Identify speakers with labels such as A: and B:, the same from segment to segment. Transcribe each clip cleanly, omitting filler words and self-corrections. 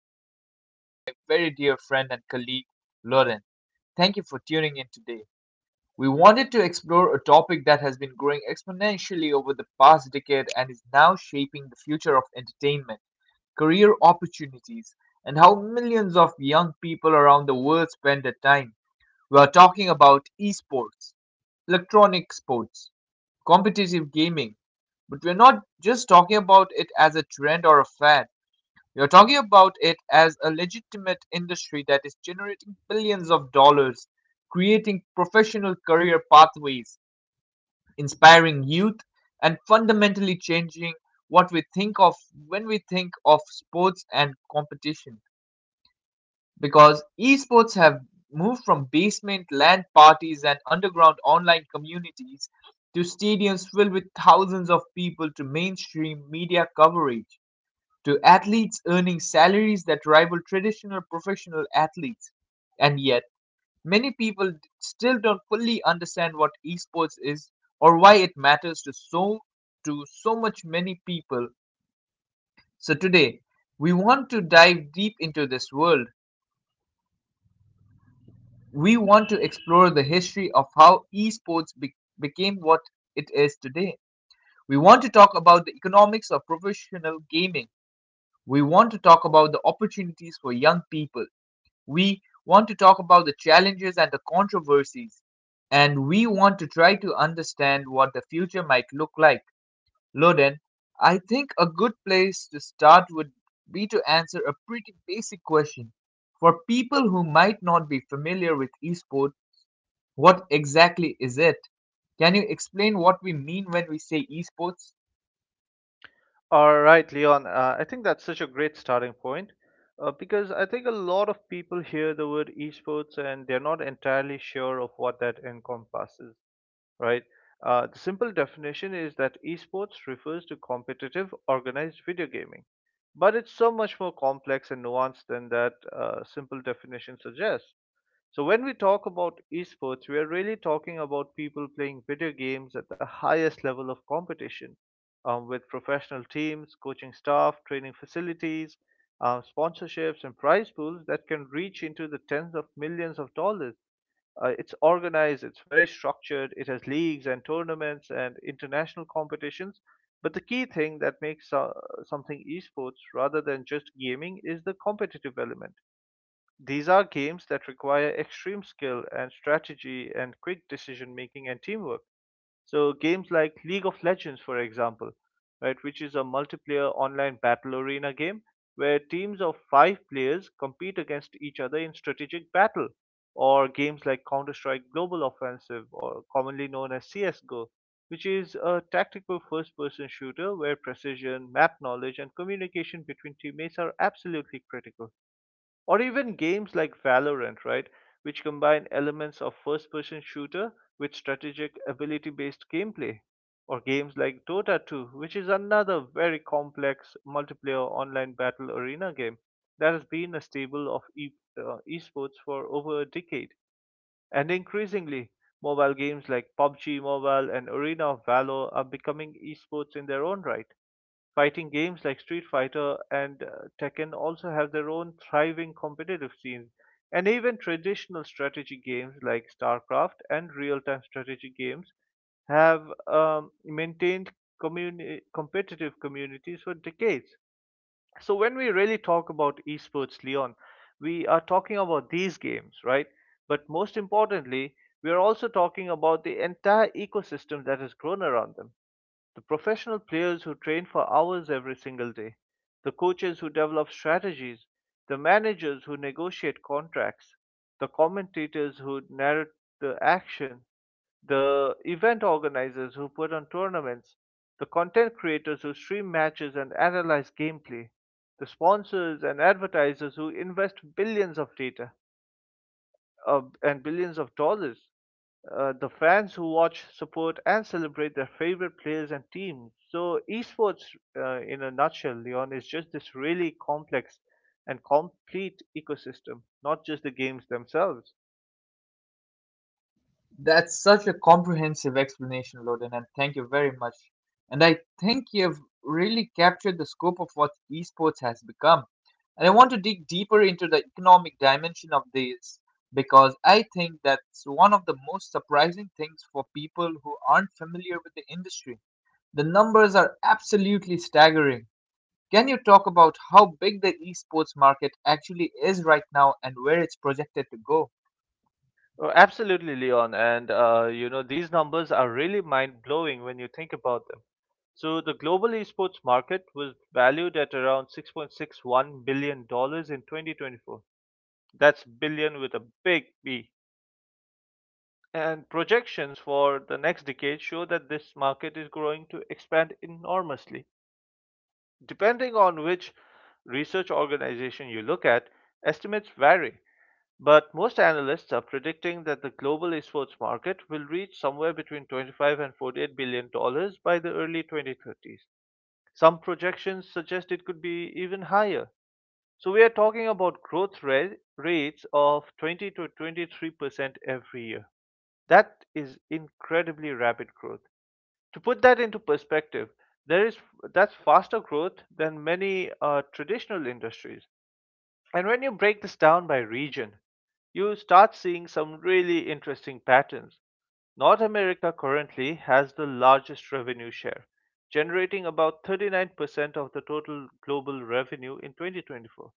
A: and I am joined by my very dear friend and colleague, Lauren. Thank you for tuning in today. We wanted to explore a topic that has been growing exponentially over the past decade and is now shaping the future of entertainment, career opportunities, and how millions of young people around the world spend their time. We are talking about esports, electronic sports, competitive gaming, but we're not just talking about it as a trend or a fad. We're talking about it as a legitimate industry that is generating billions of dollars, creating professional career pathways, inspiring youth, and fundamentally changing what we think of when we think of sports and competition because esports have moved from basement LAN parties and underground online communities to stadiums filled with thousands of people to mainstream media coverage to athletes earning salaries that rival traditional professional athletes. And yet, many people still don't fully understand what esports is or why it matters to so much many people. So today, we want to dive deep into this world. We want to explore the history of how esports became what it is today. We want to talk about the economics of professional gaming. We want to talk about the opportunities for young people. We want to talk about the challenges and the controversies. And we want to try to understand what the future might look like. Loden, I think a good place to start would be to answer a pretty basic question. For people who might not be familiar with esports, what exactly is it? Can you explain what we mean when we say esports?
B: All right, Leon. I think that's such a great starting point because I think a lot of people hear the word esports and they're not entirely sure of what that encompasses, right? The simple definition is that esports refers to competitive, organized video gaming. But it's so much more complex and nuanced than that simple definition suggests. So when we talk about esports, we are really talking about people playing video games at the highest level of competition, with professional teams, coaching staff, training facilities, sponsorships, and prize pools that can reach into the tens of millions of dollars. It's organized, it's very structured, it has leagues and tournaments and international competitions. But the key thing that makes something esports rather than just gaming is the competitive element. These are games that require extreme skill and strategy and quick decision making and teamwork. So games like League of Legends, for example, right, which is a multiplayer online battle arena game where teams of five players compete against each other in strategic battle, or games like Counter-Strike Global Offensive, or commonly known as CS:GO, which is a tactical first-person shooter where precision, map knowledge, and communication between teammates are absolutely critical. Or even games like Valorant, right, which combine elements of first person shooter with strategic ability based gameplay. Or games like Dota 2, which is another very complex multiplayer online battle arena game that has been a staple of esports for over a decade. And increasingly, mobile games like PUBG Mobile and Arena of Valor are becoming esports in their own right. Fighting games like Street Fighter and Tekken also have their own thriving competitive scenes. And even traditional strategy games like StarCraft and real time strategy games have maintained competitive communities for decades. So when we really talk about esports, Leon, we are talking about these games, right? But most importantly, we are also talking about the entire ecosystem that has grown around them: the professional players who train for hours every single day, the coaches who develop strategies, the managers who negotiate contracts, the commentators who narrate the action, the event organizers who put on tournaments, the content creators who stream matches and analyze gameplay, the sponsors and advertisers who invest billions of data, and billions of dollars. The fans who watch, support, and celebrate their favorite players and teams. So, esports, in a nutshell, Leon, is just this really complex and complete ecosystem, not just the games themselves.
A: That's such a comprehensive explanation, Loden, and thank you very much. And I think you've really captured the scope of what esports has become. And I want to dig deeper into the economic dimension of this because I think that's one of the most surprising things for people who aren't familiar with the industry. The numbers are absolutely staggering. Can you talk about how big the esports market actually is right now and where it's projected to go?
B: Oh, absolutely, Leon. And these numbers are really mind-blowing when you think about them. So the global esports market was valued at around 6.61 billion dollars in 2024. That's billion with a big B. And projections for the next decade show that this market is growing to expand enormously. Depending on which research organization you look at, estimates vary, but most analysts are predicting that the global esports market will reach somewhere between 25 and 48 billion dollars by the early 2030s. Some projections suggest it could be even higher. So we are talking about rates of 20 to 23% every year. That is incredibly rapid growth. To put that into perspective, there is that's faster growth than many traditional industries. And when you break this down by region, you start seeing some really interesting patterns. North America currently has the largest revenue share, generating about 39% of the total global revenue in 2024.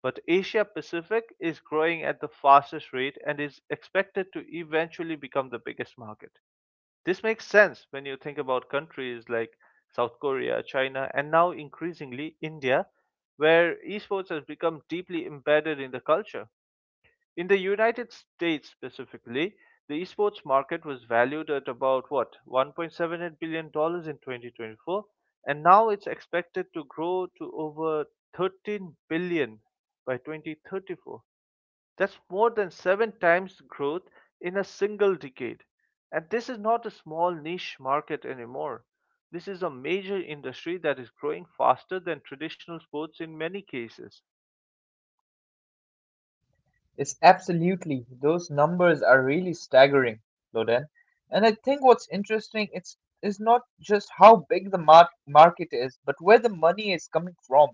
B: But Asia Pacific is growing at the fastest rate and is expected to eventually become the biggest market. This makes sense when you think about countries like South Korea, China, and now increasingly India, where esports has become deeply embedded in the culture. In the United States specifically, the esports market was valued at about what, 1.78 billion dollars in 2024, and now it's expected to grow to over 13 billion by 2034. That's more than seven times growth in a single decade. And this is not a small niche market anymore. This is a major industry that is growing faster than traditional sports in many cases.
A: Yes, absolutely. Those numbers are really staggering, Loden. And I think what's interesting it's is not just how big the market is, but where the money is coming from.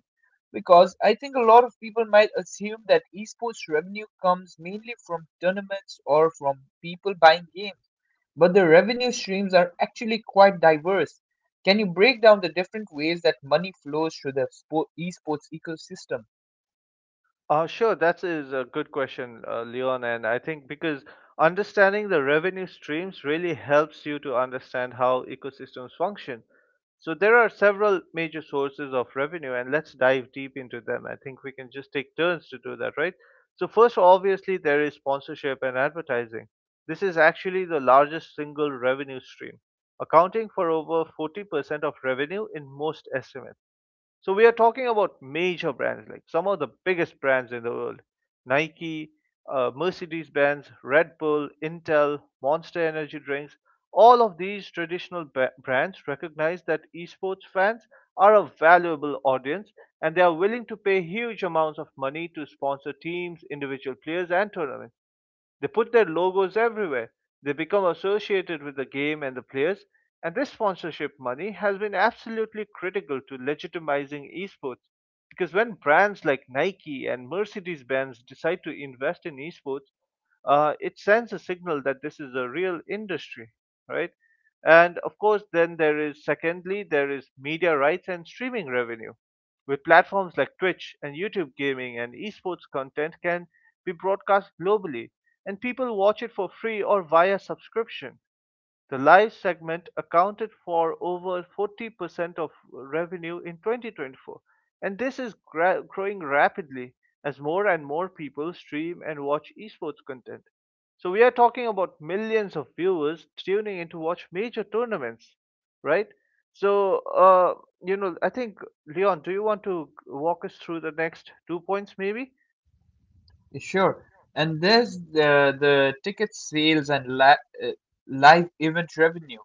A: Because I think a lot of people might assume that esports revenue comes mainly from tournaments or from people buying games, but the revenue streams are actually quite diverse. Can you break down the different ways that money flows through the esports ecosystem?
B: Sure, that is a good question, Leon. And I think because understanding the revenue streams really helps you to understand how ecosystems function. So there are several major sources of revenue, and let's dive deep into them. I think we can just take turns to do that, right? So first, obviously, there is sponsorship and advertising. This is actually the largest single revenue stream, accounting for over 40% of revenue in most estimates. So we are talking about major brands, like some of the biggest brands in the world: Nike, Mercedes-Benz, Red Bull, Intel, Monster Energy drinks. All of these traditional brands recognize that esports fans are a valuable audience, and they are willing to pay huge amounts of money to sponsor teams, individual players, and tournaments. They put their logos everywhere. They become associated with the game and the players, and this sponsorship money has been absolutely critical to legitimizing esports. Because when brands like Nike and Mercedes Benz decide to invest in esports, it sends a signal that this is a real industry, right? And of course, then there is secondly, there is media rights and streaming revenue. With platforms like Twitch and YouTube gaming and esports content can be broadcast globally and people watch it for free or via subscription. The live segment accounted for over 40% of revenue in 2024, and this is growing rapidly as more and more people stream and watch esports content. So we are talking about millions of viewers tuning in to watch major tournaments, right? So, I think, Leon, do you want to walk us through the next two points, maybe?
A: Sure. And there's the ticket sales and uh, live event revenue,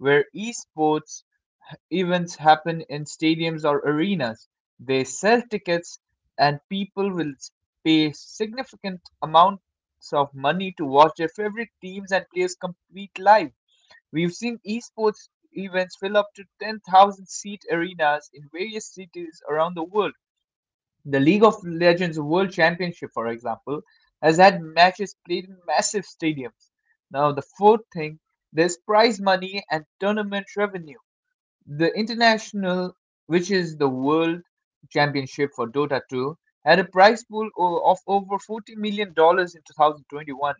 A: where esports events happen in stadiums or arenas. They sell tickets, and people will pay significant amounts of money to watch their favorite teams and players compete live. We've seen esports events fill up to 10,000 seat arenas in various cities around the world. The League of Legends World Championship, for example, has had matches played in massive stadiums. Now, the fourth thing, there's prize money and tournament revenue. The international, which is the world championship for Dota 2, had a prize pool of over $40 million dollars in 2021.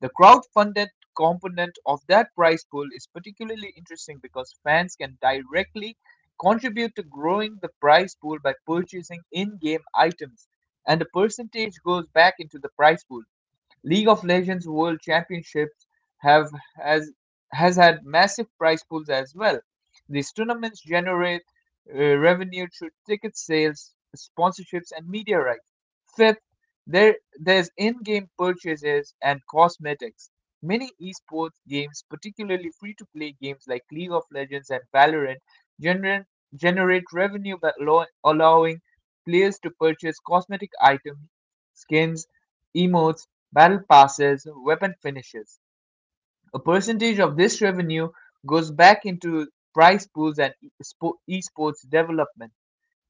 A: The crowd-funded component of that prize pool is particularly interesting because fans can directly contribute to growing the prize pool by purchasing in-game items, and a percentage goes back into the prize pool. League of Legends World Championships have has has had massive prize pools as well. These tournaments generate revenue through ticket sales, sponsorships, and media rights. Fifth, there's in-game purchases and cosmetics. Many esports games, particularly free-to-play games like League of Legends and Valorant, generate generate revenue by allowing players to purchase cosmetic items, skins, emotes, battle passes, weapon finishes. A percentage of this revenue goes back into prize pools and esports development.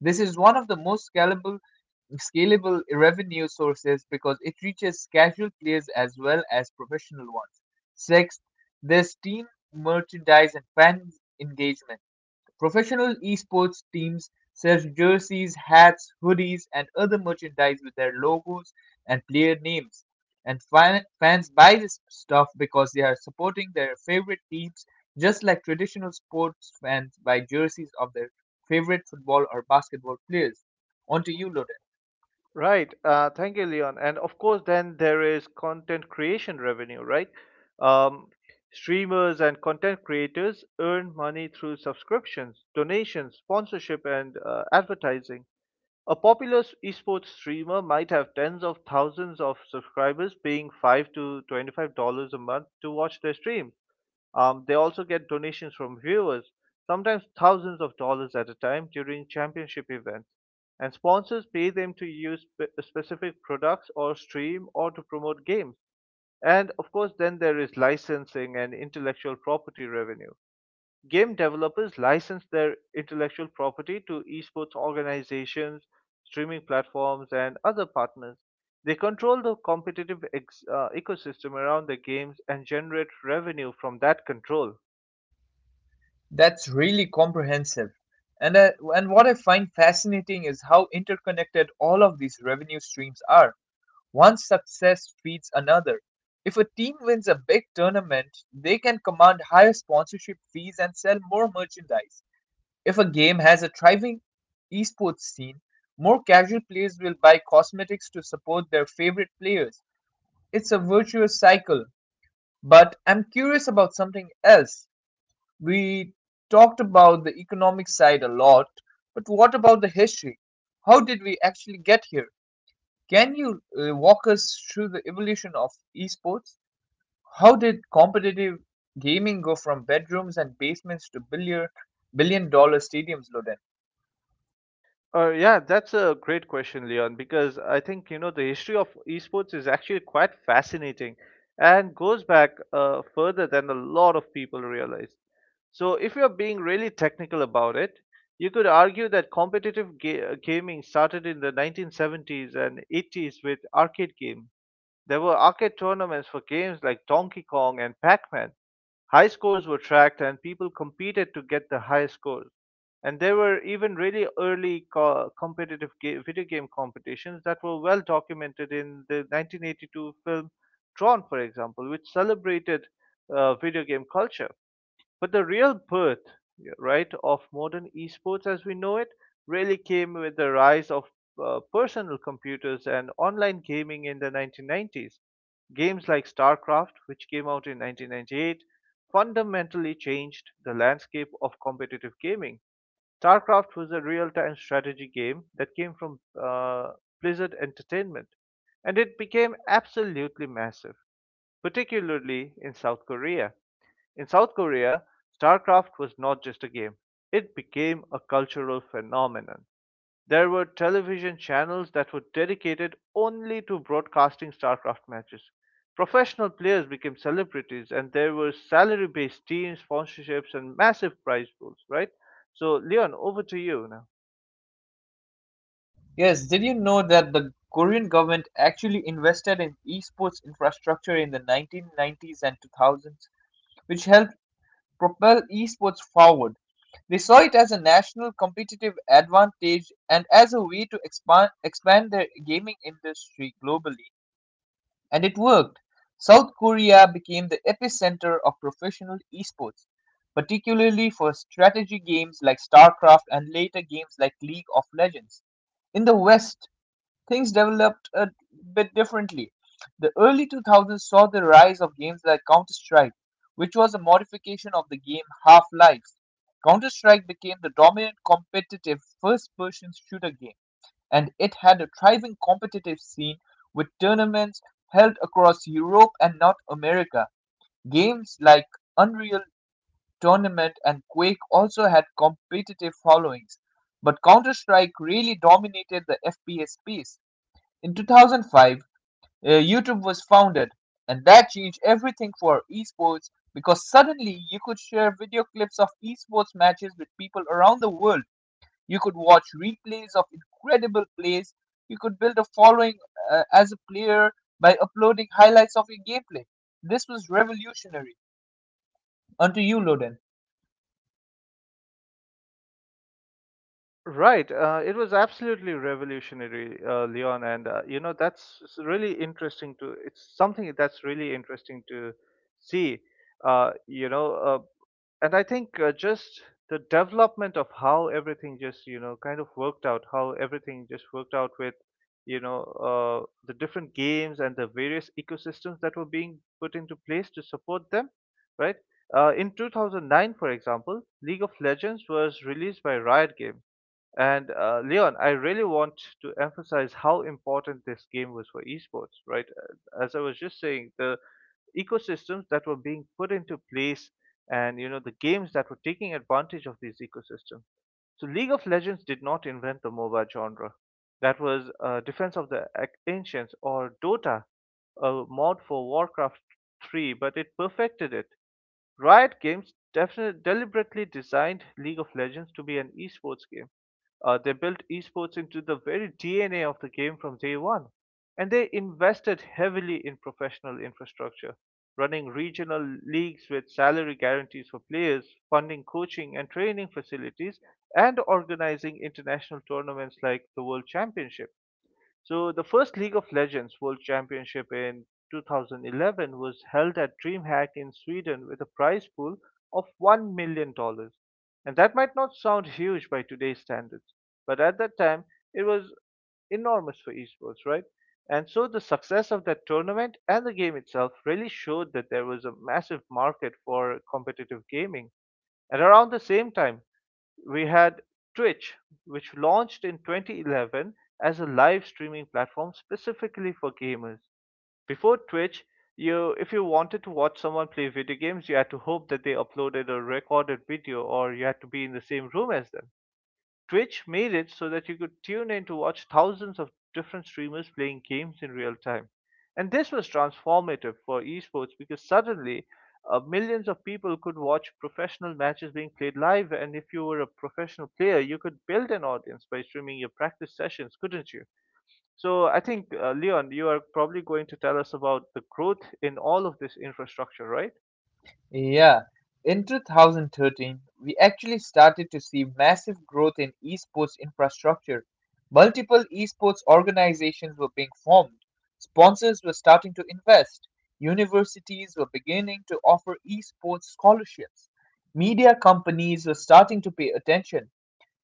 A: This is one of the most scalable revenue sources because it reaches casual players as well as professional ones. Sixth, there's team merchandise and fan engagement. Professional esports teams sell jerseys, hats, hoodies, and other merchandise with their logos and player names. And fans buy this stuff because they are supporting their favorite teams, just like traditional sports fans buy jerseys of their favorite football or basketball players. On to you, Loden.
B: Right. Thank you, Leon. And of course, then there is content creation revenue, right? Um, streamers and content creators earn money through subscriptions, donations, sponsorship, and advertising. A popular esports streamer might have tens of thousands of subscribers paying 5 to $25 a month to watch their stream. They also get donations from viewers, sometimes thousands of dollars at a time during championship events. And sponsors pay them to use specific products or stream or to promote games. And of course, then there is licensing and intellectual property revenue. Game developers license their intellectual property to esports organizations, streaming platforms, and other partners. They control the competitive ecosystem around their games and generate revenue from that control.
A: That's really comprehensive. And what I find fascinating is how interconnected all of these revenue streams are. One success feeds another. If a team wins a big tournament, they can command higher sponsorship fees and sell more merchandise. If a game has a thriving esports scene, more casual players will buy cosmetics to support their favorite players. It's a virtuous cycle. But I'm curious about something else. We talked about the economic side a lot, but what about the history? How did we actually get here? Can you walk us through the evolution of esports? How did competitive gaming go from bedrooms and basements to billion dollar stadiums, Loden?
B: Yeah, that's a great question, Leon, because I think the history of esports is actually quite fascinating and goes back further than a lot of people realize. So, if you're being really technical about it, you could argue that competitive gaming started in the 1970s and 80s with arcade games. There were arcade tournaments for games like Donkey Kong and Pac-Man. High scores were tracked and people competed to get the highest score. And there were even really early competitive video game competitions that were well documented in the 1982 film Tron, for example, which celebrated video game culture. But the real birth, yeah, right, of modern esports as we know it really came with the rise of personal computers and online gaming in the 1990s. Games like StarCraft, which came out in 1998, fundamentally changed the landscape of competitive gaming. StarCraft was a real-time strategy game that came from Blizzard Entertainment, and it became absolutely massive, particularly in South Korea. In South Korea, StarCraft was not just a game, it became a cultural phenomenon. There were television channels that were dedicated only to broadcasting StarCraft matches. Professional players became celebrities, and there were salary based teams, sponsorships, and massive prize pools, right? So, Leon, over to you now.
A: Yes, did you know that the Korean government actually invested in esports infrastructure in the 1990s and 2000s, which helped propel esports forward? They saw it as a national competitive advantage and as a way to expand their gaming industry globally. And it worked. South Korea became the epicenter of professional esports, particularly for strategy games like StarCraft and later games like League of Legends. In the West, things developed a bit differently. The early 2000s saw the rise of games like Counter Strike, which was a modification of the game Half Life. Counter Strike became the dominant competitive first person shooter game and it had a thriving competitive scene with tournaments held across Europe and North America. Games like Unreal Tournament and Quake also had competitive followings, but Counter-Strike really dominated the FPS space. In 2005, YouTube was founded, and that changed everything for esports because suddenly you could share video clips of esports matches with people around the world. You could watch replays of incredible plays. You could build a following as a player by uploading highlights of your gameplay. This was revolutionary. Onto you, Loden.
B: Right. It was absolutely revolutionary, Leon, and that's s- really interesting to. It's something that's really interesting to see. Uh, you know, uh, and I think just the development of how everything just kind of worked out, how everything just worked out with the different games and the various ecosystems that were being put into place to support them, right? In 2009, for example, League of Legends was released by Riot Games, and Leon, I really want to emphasize how important this game was for esports, right? As I was just saying, the ecosystems that were being put into place and the games that were taking advantage of these ecosystems. So League of Legends did not invent the MOBA genre. That was Defense of the Ancients or Dota, a mod for Warcraft 3, but it perfected it. Riot Games definitely deliberately designed League of Legends to be an esports game. They built esports into the very DNA of the game from day one, and they invested heavily in professional infrastructure, running regional leagues with salary guarantees for players, funding coaching and training facilities, and organizing international tournaments like the World Championship. So the first League of Legends World Championship in 2011 was held at DreamHack in Sweden with a prize pool of $1 million dollars. And that might not sound huge by today's standards, but at that time it was enormous for esports, right? And so the success of that tournament and the game itself really showed that there was a massive market for competitive gaming, and around the same time, we had Twitch, which launched in 2011 as a live streaming platform specifically for gamers. Before Twitch, you if you wanted to watch someone play video games, you had to hope that they uploaded a recorded video or you had to be in the same room as them. Twitch made it so that you could tune in to watch thousands of different streamers playing games in real time. And this was transformative for esports because suddenly millions of people could watch professional matches being played live. And if you were a professional player, you could build an audience by streaming your practice sessions, couldn't you? So I think, Leon, you are probably going to tell us about the growth in all of this infrastructure, right?
A: Yeah, in 2013, we actually started to see massive growth in esports infrastructure. Multiple esports organizations were being formed, sponsors were starting to invest, universities were beginning to offer esports scholarships, media companies were starting to pay attention.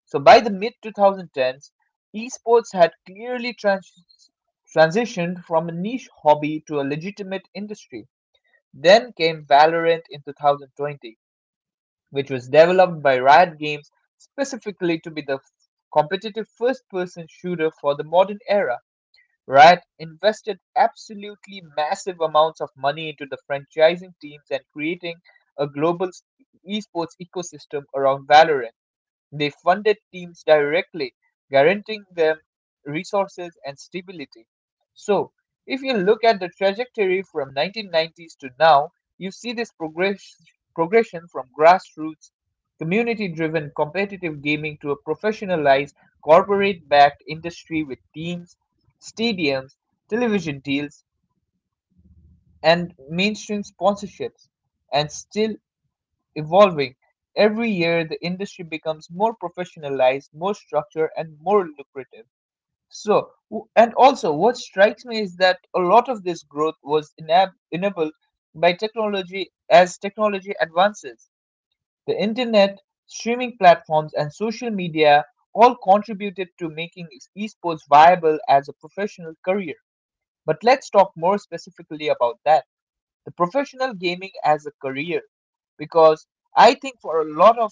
A: So by the mid 2010s, esports had clearly transitioned from a niche hobby to a legitimate industry. Then came Valorant in 2020, which was developed by Riot Games specifically to be the competitive first person shooter for the modern era. Riot invested absolutely massive amounts of money into the franchising teams and creating a global esports ecosystem around Valorant. They funded teams directly, guaranteeing them resources and stability. So, if you look at the trajectory from 1990s to now, you see this progression from grassroots, community-driven competitive gaming to a professionalized, corporate-backed industry with teams, stadiums, television deals, and mainstream sponsorships. And still, evolving. Every year, the industry becomes more professionalized, more structured, and more lucrative. So, and also, what strikes me is that a lot of this growth was enabled by technology as technology advances. The internet, streaming platforms, and social media all contributed to making esports viable as a professional career. But let's talk more specifically about that, the professional gaming as a career, because I think for a lot of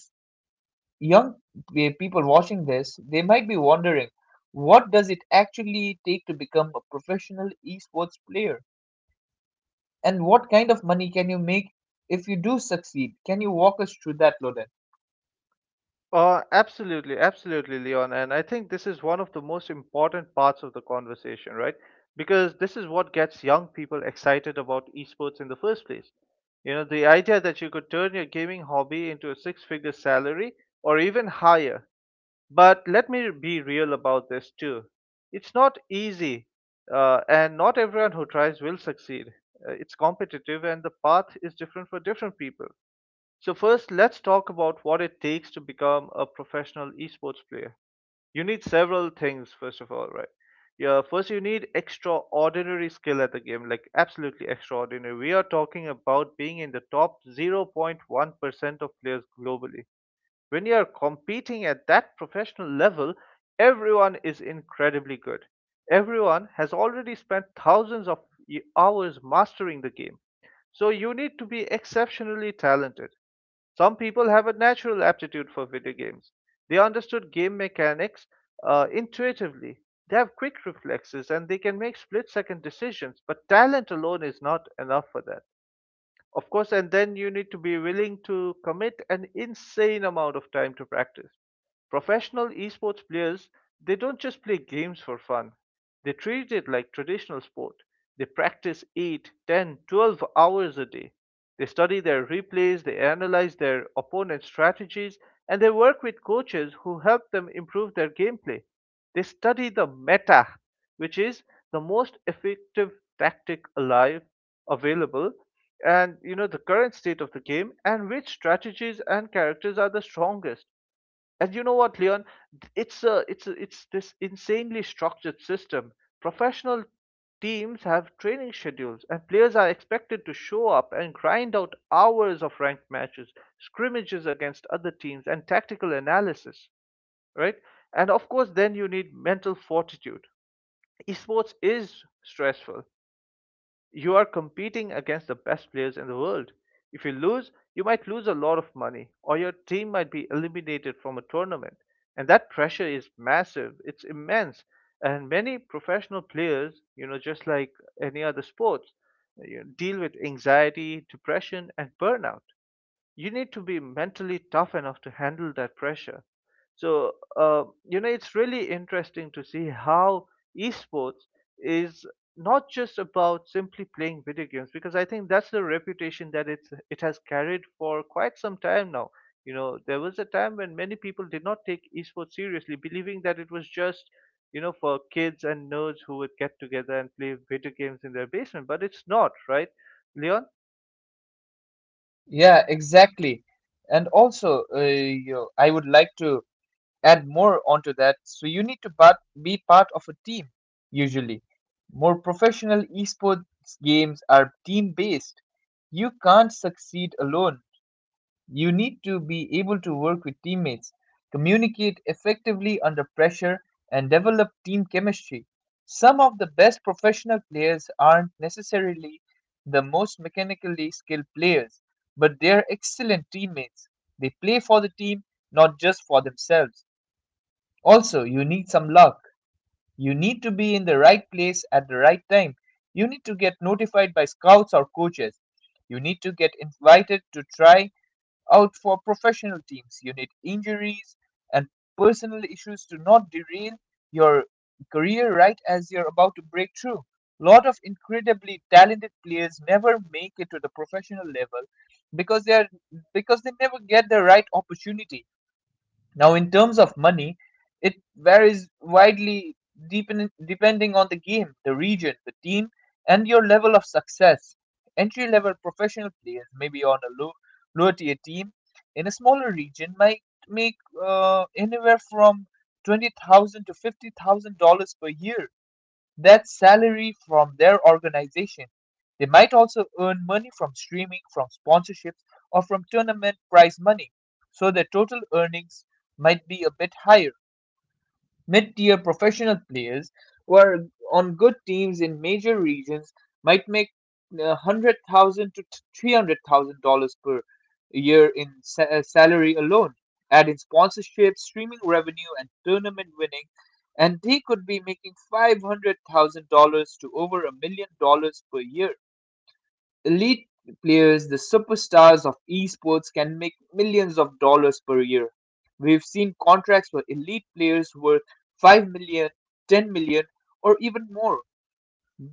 A: young people watching this, they might be wondering what does it actually take to become a professional esports player and what kind of money can you make if you do succeed? Can you walk us through that, Loden?
B: Absolutely, absolutely, Leon. And I think this is one of the most important parts of the conversation, right? Because this is what gets young people excited about esports in the first place. You know, the idea that you could turn your gaming hobby into a six figure salary or even higher. But let me be real about this too. It's not easy, and not everyone who tries will succeed. It's competitive, and the path is different for different people. So, first, let's talk about what it takes to become a professional esports player. You need several things, first of all, right? Yeah, first, you need extraordinary skill at the game, like absolutely extraordinary. We are talking about being in the top 0.1% of players globally. When you are competing at that professional level, everyone is incredibly good. Everyone has already spent thousands of hours mastering the game. So, you need to be exceptionally talented. Some people have a natural aptitude for video games. They understood game mechanics intuitively. They have quick reflexes and they can make split second decisions, but talent alone is not enough for that. Of course, and then you need to be willing to commit an insane amount of time to practice. Professional esports players, they don't just play games for fun. They treat it like traditional sport. They practice 8, 10, 12 hours a day. They study their replays, they analyze their opponent's strategies, and they work with coaches who help them improve their gameplay. They study the meta, which is the most effective tactic alive available, and you know the current state of the game and which strategies and characters are the strongest. And you know what, Leon? It's this insanely structured system. Professional teams have training schedules, and players are expected to show up and grind out hours of ranked matches, scrimmages against other teams, and tactical analysis, right? And of course, then you need mental fortitude. Esports is stressful. You are competing against the best players in the world. If you lose, you might lose a lot of money, or your team might be eliminated from a tournament. And that pressure is massive, it's immense. And many professional players, you know, just like any other sports, you know, deal with anxiety, depression, and burnout. You need to be mentally tough enough to handle that pressure. So, you know, it's really interesting to see how esports is not just about simply playing video games, because I think that's the reputation that it has carried for quite some time now. You know, there was a time when many people did not take esports seriously, believing that it was just, you know, for kids and nerds who would get together and play video games in their basement, but it's not, right, Leon?
A: Yeah, exactly. And also, I would like to add more onto that. So you need to but be part of a team usually. More professional esports games are team based. You can't succeed alone. You need to be able to work with teammates, communicate effectively under pressure, and develop team chemistry. Some of the best professional players aren't necessarily the most mechanically skilled players, but they're excellent teammates. They play for the team, not just for themselves. Also, you need some luck. You need to be in the right place at the right time. You need to get notified by scouts or coaches. You need to get invited to try out for professional teams. You need injuries and personal issues to not derail your career right as you're about to break through. Lot of incredibly talented players never make it to the professional level because they are because they never get the right opportunity. Now, in terms of money, it varies widely depending on the game, the region, the team, and your level of success. Entry level professional players, maybe on a lower tier team in a smaller region, might make anywhere from 20,000 to $50,000 per year, that salary from their organization. They might also earn money from streaming, from sponsorships, or from tournament prize money, so their total earnings might be a bit higher. Mid-tier professional players who are on good teams in major regions might make 100,000 to $300,000 per year in salary alone. Add in sponsorship, streaming revenue, and tournament winning, and they could be making $500,000 to over $1 million per year. Elite players, the superstars of esports, can make millions of dollars per year. We've seen contracts for elite players worth 5 million, 10 million, or even more.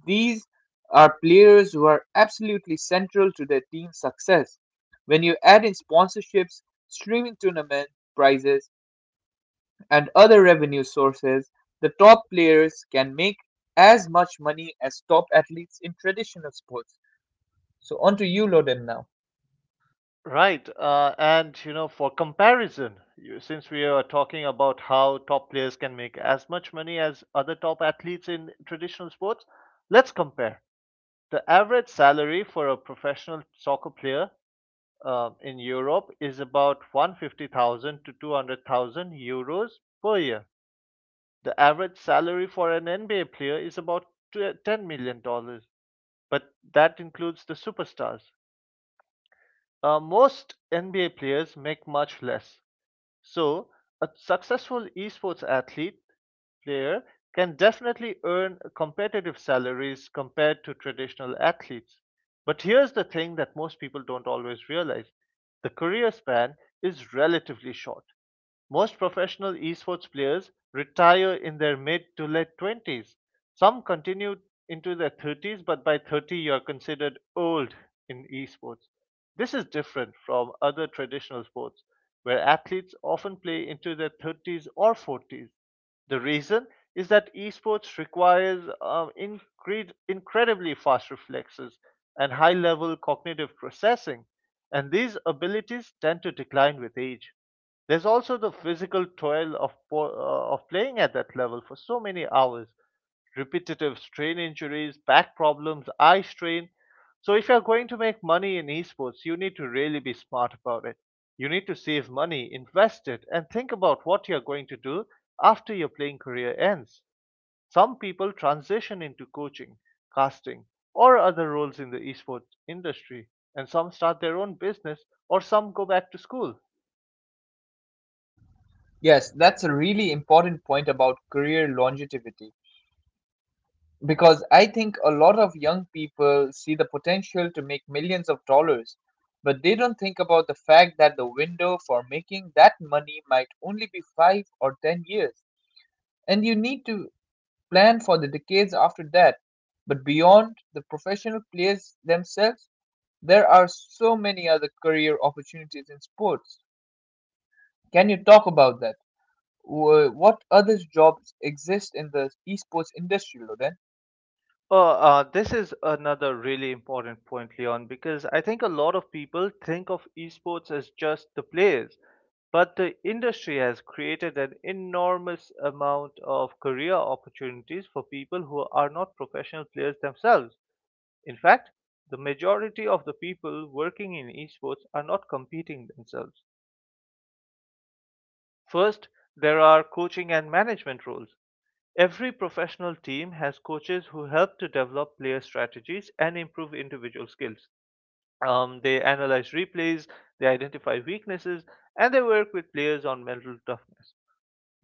A: These are players who are absolutely central to their team's success. When you add in sponsorships, streaming tournament prizes, and other revenue sources, the top players can make as much money as top athletes in traditional sports. So, on to you, Loden, now.
B: Right. And, you know, for comparison, since we are talking about how top players can make as much money as other top athletes in traditional sports, let's compare. The average salary for a professional soccer player in Europe is about 150,000 to 200,000 euros per year. The average salary for an NBA player is about $10 million dollars, but that includes the superstars. Most NBA players make much less. So, a successful esports athlete player can definitely earn competitive salaries compared to traditional athletes. But here's the thing that most people don't always realize. The career span is relatively short. Most professional esports players retire in their mid to late 20s. Some continue into their 30s, but by 30 you are considered old in esports. This is different from other traditional sports, where athletes often play into their 30s or 40s. The reason is that esports requires incredibly fast reflexes and high level cognitive processing, and these abilities tend to decline with age. There's also the physical toil of of playing at that level for so many hours, repetitive strain injuries, back problems, eye strain. So if you're going to make money in esports, you need to really be smart about it. You need to save money, invest it, and think about what you're going to do after your playing career ends. Some people transition into coaching, casting, or other roles in the esports industry, and some start their own business, or some go back to school.
A: Yes, that's a really important point about career longevity, because I think a lot of young people see the potential to make millions of dollars, but they don't think about the fact that the window for making that money might only be 5 or 10 years, and you need to plan for the decades after that. But beyond the professional players themselves, there are so many other career opportunities in sports. Can you talk about that? What other jobs exist in the esports industry, Loden?
B: This is another really important point, Leon, because I think a lot of people think of esports as just the players, but the industry has created an enormous amount of career opportunities for people who are not professional players themselves. In fact, the majority of the people working in esports are not competing themselves. First, there are coaching and management roles. Every professional team has coaches who help to develop player strategies and improve individual skills. They analyze replays, they identify weaknesses, and they work with players on mental toughness.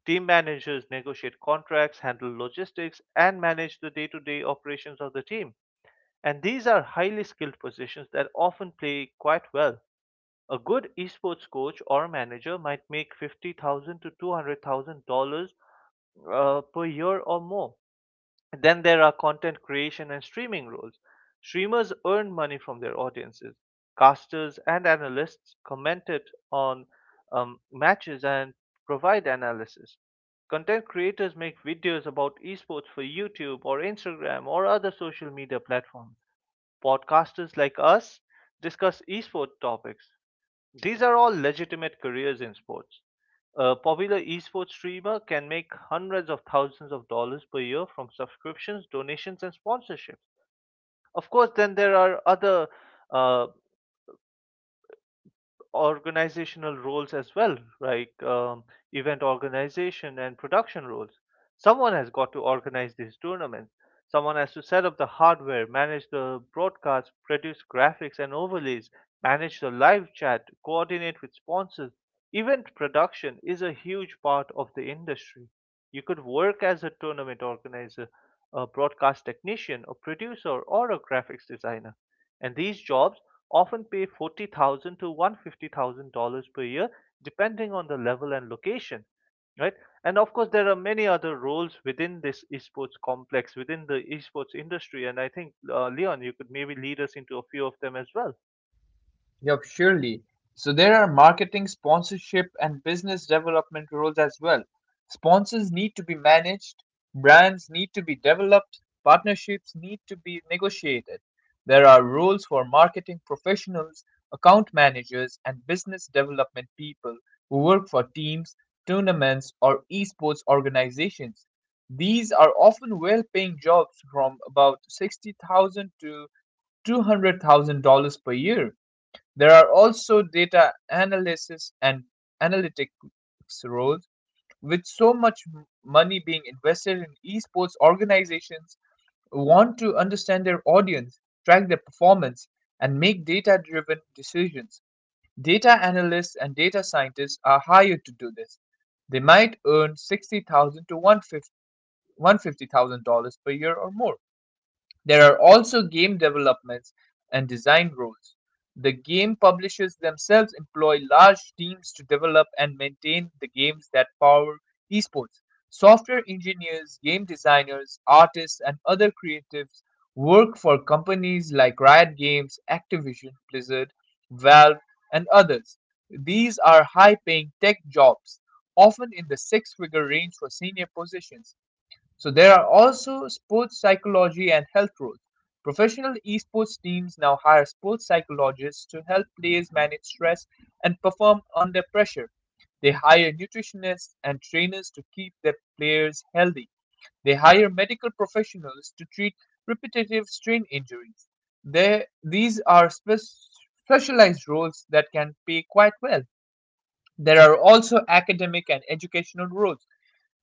B: Team managers negotiate contracts, handle logistics, and manage the day to day operations of the team. And these are highly skilled positions that often pay quite well. A good esports coach or manager might make 50,000 to $200,000 per year or more. Then there are content creation and streaming roles. Streamers earn money from their audiences. Casters and analysts commented on matches and provide analysis. Content creators make videos about esports for YouTube or Instagram or other social media platforms. Podcasters like us discuss esports topics. These are all legitimate careers in sports. A popular esports streamer can make hundreds of thousands of dollars per year from subscriptions, donations, and sponsorships. Of course, then there are other uh, organizational roles as well, like event organization and production roles. Someone has got to organize these tournaments. Someone has to set up the hardware, manage the broadcast, produce graphics and overlays, manage the live chat, coordinate with sponsors. Event production is a huge part of the industry. You could work as a tournament organizer, a broadcast technician, a producer, or a graphics designer. And these jobs often pay 40,000 to $150,000 per year, depending on the level and location, right? And of course, there are many other roles within this esports complex, within the esports industry. And I think, Leon, you could maybe lead us into a few of them as well.
A: Yup, surely. So there are marketing, sponsorship, and business development roles as well. Sponsors need to be managed, brands need to be developed, partnerships need to be negotiated. There are roles for marketing professionals, account managers, and business development people who work for teams, tournaments, or esports organizations. These are often well paying jobs from about 60,000 to $200,000 per year. There are also data analysis and analytics roles. With so much money being invested in esports, organizations want to understand their audience, track their performance, and make data driven decisions. Data analysts and data scientists are hired to do this. They might earn $60,000 to $150,000 per year or more. There are also game developments and design roles. The game publishers themselves employ large teams to develop and maintain the games that power esports. Software engineers, game designers, artists, and other creatives work for companies like Riot Games, Activision, Blizzard, Valve, and others. These are high paying tech jobs, often in the six figure range for senior positions. So there are also sports psychology and health roles. Professional esports teams now hire sports psychologists to help players manage stress and perform under pressure. They hire nutritionists and trainers to keep their players healthy. They hire medical professionals to treat repetitive strain injuries. These are specialized roles that can pay quite well. There are also academic and educational roles.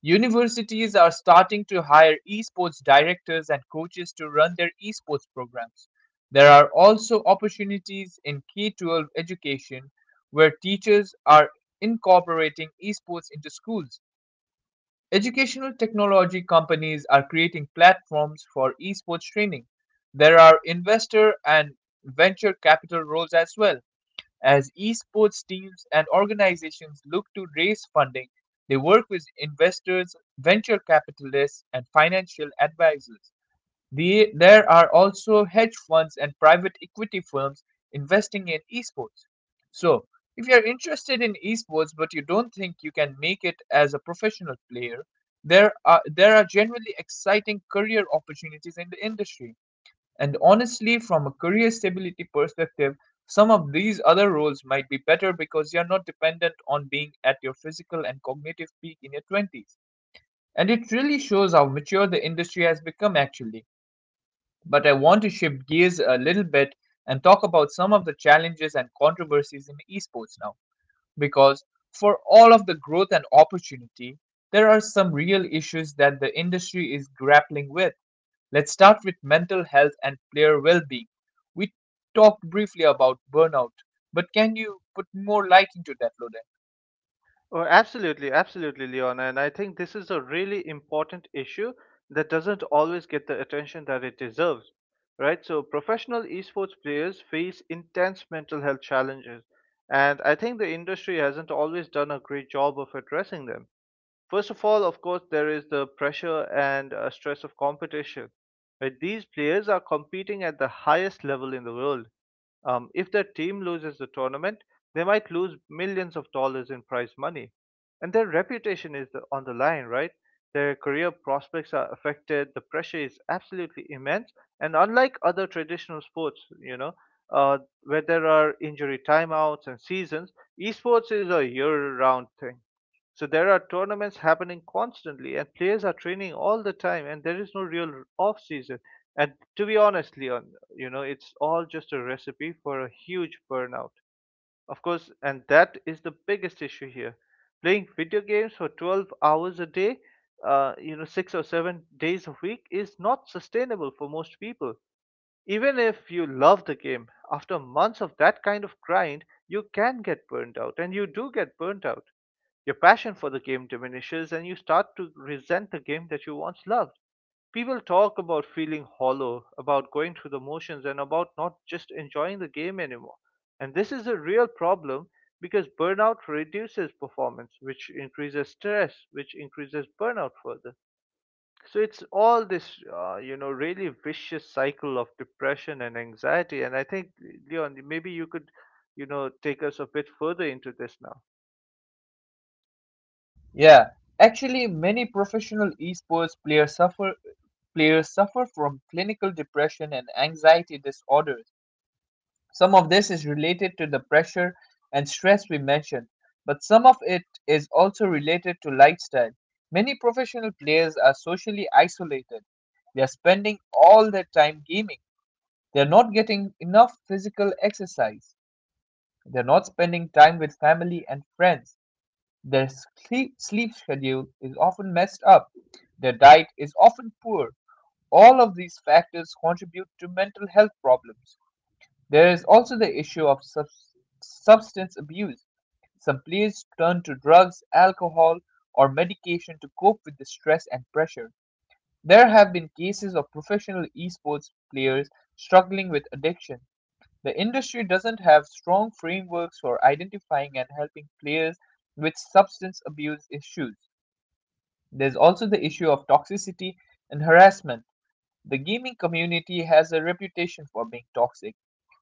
A: Universities are starting to hire esports directors and coaches to run their esports programs. There are also opportunities in K-12 education where teachers are incorporating esports into schools. Educational technology companies are creating platforms for esports training. There are investor and venture capital roles as well. As esports teams and organizations look to raise funding, they work with investors, venture capitalists, and financial advisors. There are also hedge funds and private equity firms investing in esports. So, if you're interested in esports but you don't think you can make it as a professional player, there are generally exciting career opportunities in the industry. And honestly, from a career stability perspective, some of these other roles might be better because you're not dependent on being at your physical and cognitive peak in your 20s. And it really shows how mature the industry has become, actually. But I want to shift gears a little bit and talk about some of the challenges and controversies in esports now. Because for all of the growth and opportunity, there are some real issues that the industry is grappling with. Let's start with mental health and player well being. We talked briefly about burnout, but can you put more light into that, Loden?
B: Oh, absolutely, absolutely, Leon. And I think this is a really important issue that doesn't always get the attention that it deserves, right? So, professional esports players face intense mental health challenges, and I think the industry hasn't always done a great job of addressing them. First of all, of course, there is the pressure and stress of competition. Right? These players are competing at the highest level in the world. If their team loses the tournament, they might lose millions of dollars in prize money. And their reputation is on the line, right? Their career prospects are affected. The pressure is absolutely immense. And unlike other traditional sports, you know, where there are injury timeouts and seasons, esports is a year round thing, so there are tournaments happening constantly, and players are training all the time, and there is no real off season. And to be honest, Leon, you know, it's all just a recipe for a huge burnout. Of course, and that is the biggest issue here. Playing video games for 12 hours a day, you know, 6 or 7 days a week is not sustainable for most people. Even if you love the game, after months of that kind of grind, you can get burnt out, and you do get burnt out. Your passion for the game diminishes, and you start to resent the game that you once loved. People talk about feeling hollow, about going through the motions, and about not just enjoying the game anymore. And this is a real problem because burnout reduces performance, which increases stress, which increases burnout further. So it's all this, really vicious cycle of depression and anxiety. And I think, Leon, maybe you could, take us a bit further into this now.
A: Yeah, actually, many professional esports players suffer from clinical depression and anxiety disorders. Some of this is related to the pressure and stress we mentioned, but some of it is also related to lifestyle. Many professional players are socially isolated. They are spending all their time gaming. They're not getting enough physical exercise. They're not spending time with family and friends. Their sleep schedule is often messed up. Their diet is often poor. All of these factors contribute to mental health problems. There is also the issue of substance abuse. Some players turn to drugs, alcohol, or medication to cope with the stress and pressure. There have been cases of professional esports players struggling with addiction. The industry doesn't have strong frameworks for identifying and helping players with substance abuse issues. There's also the issue of toxicity and harassment. The gaming community has a reputation for being toxic.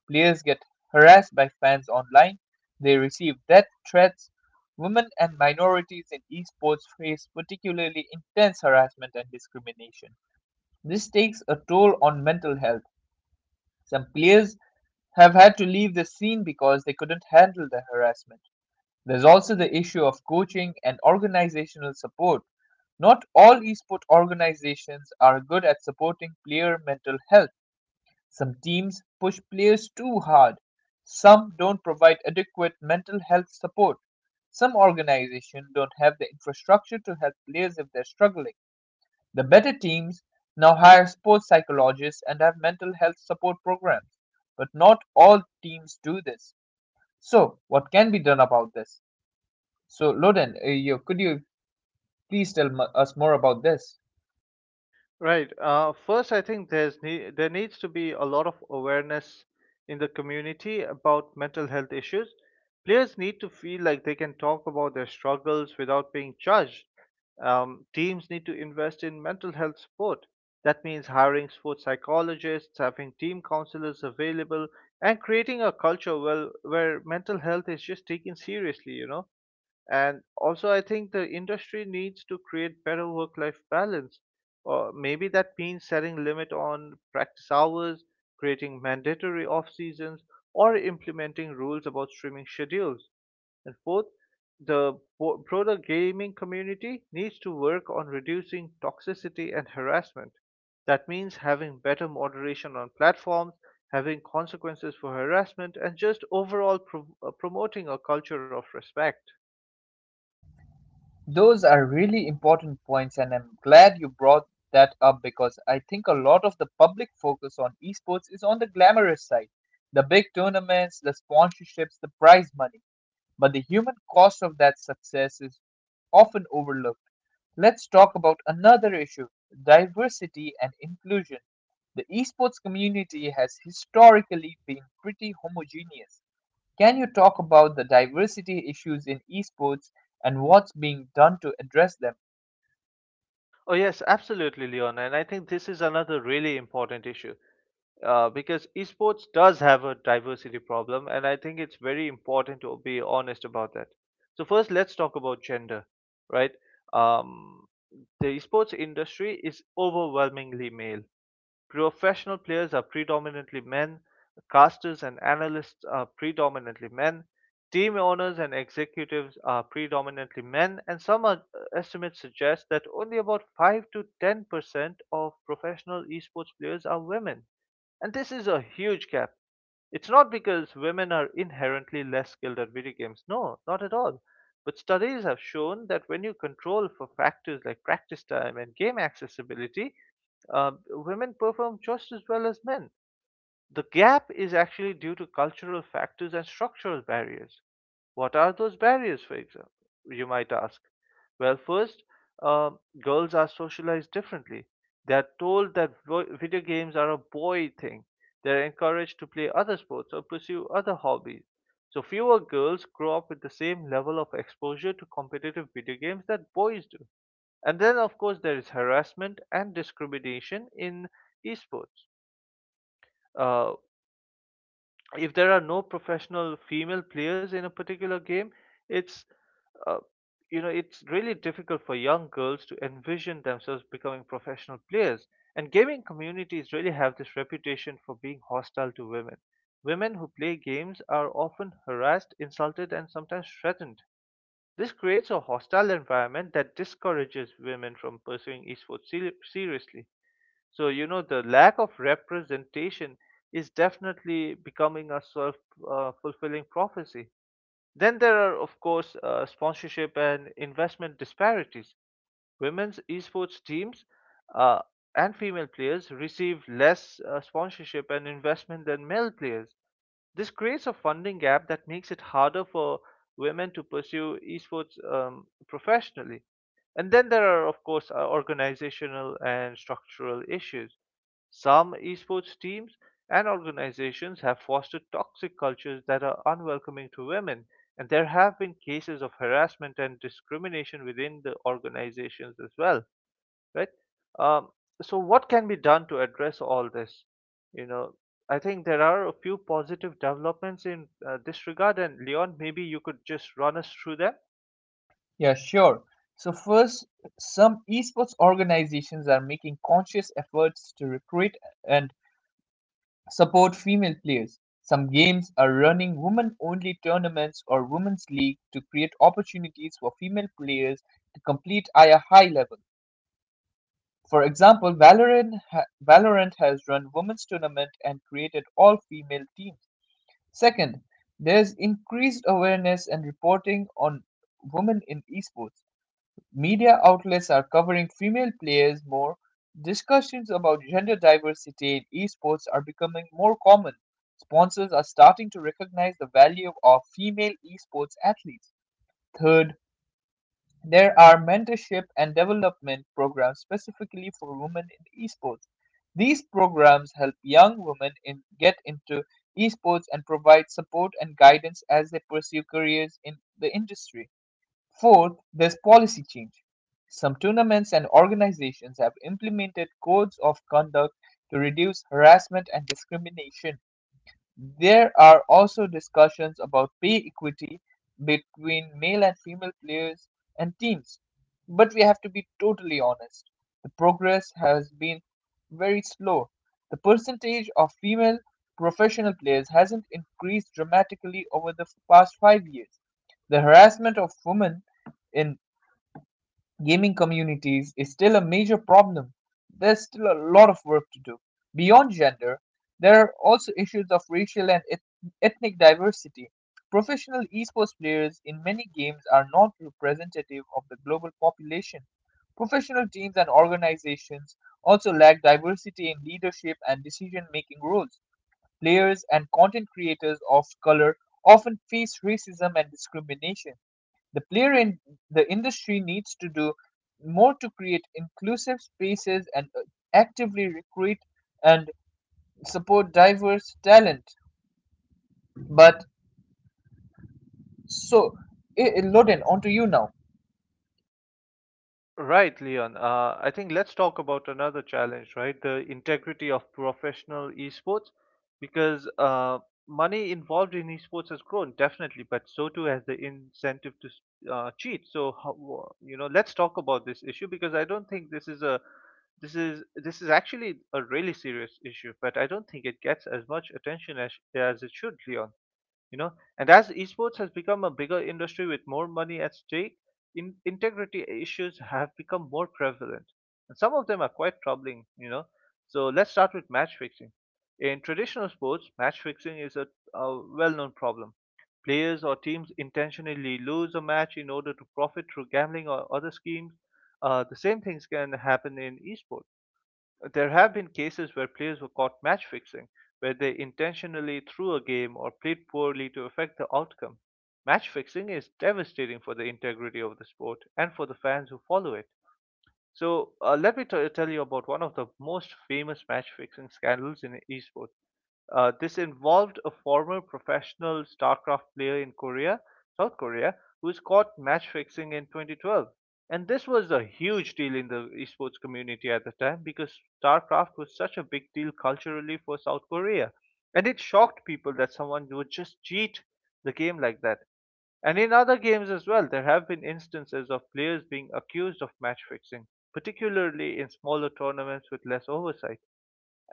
A: Players get harassed by fans online, they receive death threats. Women and minorities in esports face particularly intense harassment and discrimination. This takes a toll on mental health. Some players have had to leave the scene because they couldn't handle the harassment. There's also the issue of coaching and organizational support. Not all esport organizations are good at supporting player mental health. Some teams push players too hard. Some don't provide adequate mental health support. Some organizations don't have the infrastructure to help players if they're struggling. The better teams now hire sports psychologists and have mental health support programs, but not all teams do this. So, what can be done about this? So, Loden, could you please us more about this?
B: Right. First, I think there needs to be a lot of awareness in the community about mental health issues. Players need to feel like they can talk about their struggles without being judged. Teams need to invest in mental health support. That means hiring sports psychologists, having team counselors available, and creating a culture, well, where mental health is just taken seriously, you know. And also, I think the industry needs to create better work-life balance. Or maybe that means setting limit on practice hours, creating mandatory off seasons, or implementing rules about streaming schedules. And fourth, the broader gaming community needs to work on reducing toxicity and harassment. That means having better moderation on platforms, having consequences for harassment, and just overall promoting a culture of respect.
A: Those are really important points, and I'm glad you brought that up because I think a lot of the public focus on esports is on the glamorous side, the big tournaments, the sponsorships, the prize money, but the human cost of that success is often overlooked. Let's talk about another issue, diversity and inclusion. The esports community has historically been pretty homogeneous. Can you talk about the diversity issues in esports and what's being done to address them?
B: Oh, yes, absolutely, Leon. And I think this is another really important issue, because esports does have a diversity problem, and I think it's very important to be honest about that. So, first, let's talk about gender, right? Um, the esports industry is overwhelmingly male. Professional players are predominantly men, casters and analysts are predominantly men, team owners and executives are predominantly men, and some estimates suggest that only about 5 to 10% of professional esports players are women. And this is a huge gap. It's not because women are inherently less skilled at video games. No, not at all. But studies have shown that when you control for factors like practice time and game accessibility, women perform just as well as men. The gap is actually due to cultural factors and structural barriers. What are those barriers, for example? You might ask. Well, first, um, girls are socialized differently. They are told that video games are a boy thing. They are encouraged to play other sports or pursue other hobbies. So, fewer girls grow up with the same level of exposure to competitive video games that boys do. And then, of course, there is harassment and discrimination in esports. Uh, if there are no professional female players in a particular game, it's uh, it's really difficult for young girls to envision themselves becoming professional players. And gaming communities really have this reputation for being hostile to women. Women who play games are often harassed, insulted, and sometimes threatened. This creates a hostile environment that discourages women from pursuing esports seriously. So, you know, the lack of representation is definitely becoming a self fulfilling prophecy. Then there are, of course, sponsorship and investment disparities. Women's esports teams uh, and female players receive less sponsorship and investment than male players. This creates a funding gap that makes it harder for women to pursue esports professionally. And then there are, of course, organizational and structural issues. Some esports teams and organizations have fostered toxic cultures that are unwelcoming to women, and there have been cases of harassment and discrimination within the organizations as well, right? Um, so what can be done to address all this? You know, I think there are a few positive developments in this regard, and Leon, maybe you could just run us through them.
A: Yeah, sure. So, first, some esports organizations are making conscious efforts to recruit and support female players. Some games are running women only tournaments or women's league to create opportunities for female players to compete at a high level. For example, Valorant has run women's tournament and created all female teams. Second, there's increased awareness and reporting on women in esports. Media outlets are covering female players more. Discussions about gender diversity in esports are becoming more common. Sponsors are starting to recognize the value of female esports athletes. Third, there are mentorship and development programs specifically for women in esports. These programs help young women in get into esports and provide support and guidance as they pursue careers in the industry. Fourth, there's policy change. Some tournaments and organizations have implemented codes of conduct to reduce harassment and discrimination. There are also discussions about pay equity between male and female players and teams. But we have to be totally honest. The progress has been very slow. The percentage of female professional players hasn't increased dramatically over the past 5 years. The harassment of women in gaming communities is still a major problem. There's still a lot of work to do. Beyond gender, there are also issues of racial and ethnic diversity. Professional esports players in many games are not representative of the global population. Professional teams and organizations also lack diversity in leadership and decision making roles. Players and content creators of color often face racism and discrimination. The player in the industry needs to do more to create inclusive spaces and actively recruit and support diverse talent. But so, eh, eh, Loden, on to you now.
B: Right, Leon. I think let's talk about another challenge, right? The integrity of professional esports, because money involved in esports has grown definitely, but so too has the incentive to cheat. So, you know, let's talk about this issue because I don't think this is actually a really serious issue, but I don't think it gets as much attention as it should, Leon, you know. And as esports has become a bigger industry with more money at stake, integrity issues have become more prevalent, and some of them are quite troubling, you know. So let's start with match fixing. In traditional sports, match fixing is a well-known problem. Players or teams intentionally lose a match in order to profit through gambling or other schemes. The same things can happen in esports. There have been cases where players were caught match fixing, where they intentionally threw a game or played poorly to affect the outcome. Match fixing is devastating for the integrity of the sport and for the fans who follow it. So, tell you about one of the most famous match fixing scandals in esports. This involved a former professional StarCraft player in Korea, South Korea, who was caught match fixing in 2012. And this was a huge deal in the esports community at the time because StarCraft was such a big deal culturally for South Korea. And it shocked people that someone would just cheat the game like that. And in other games as well, there have been instances of players being accused of match fixing, particularly in smaller tournaments with less oversight.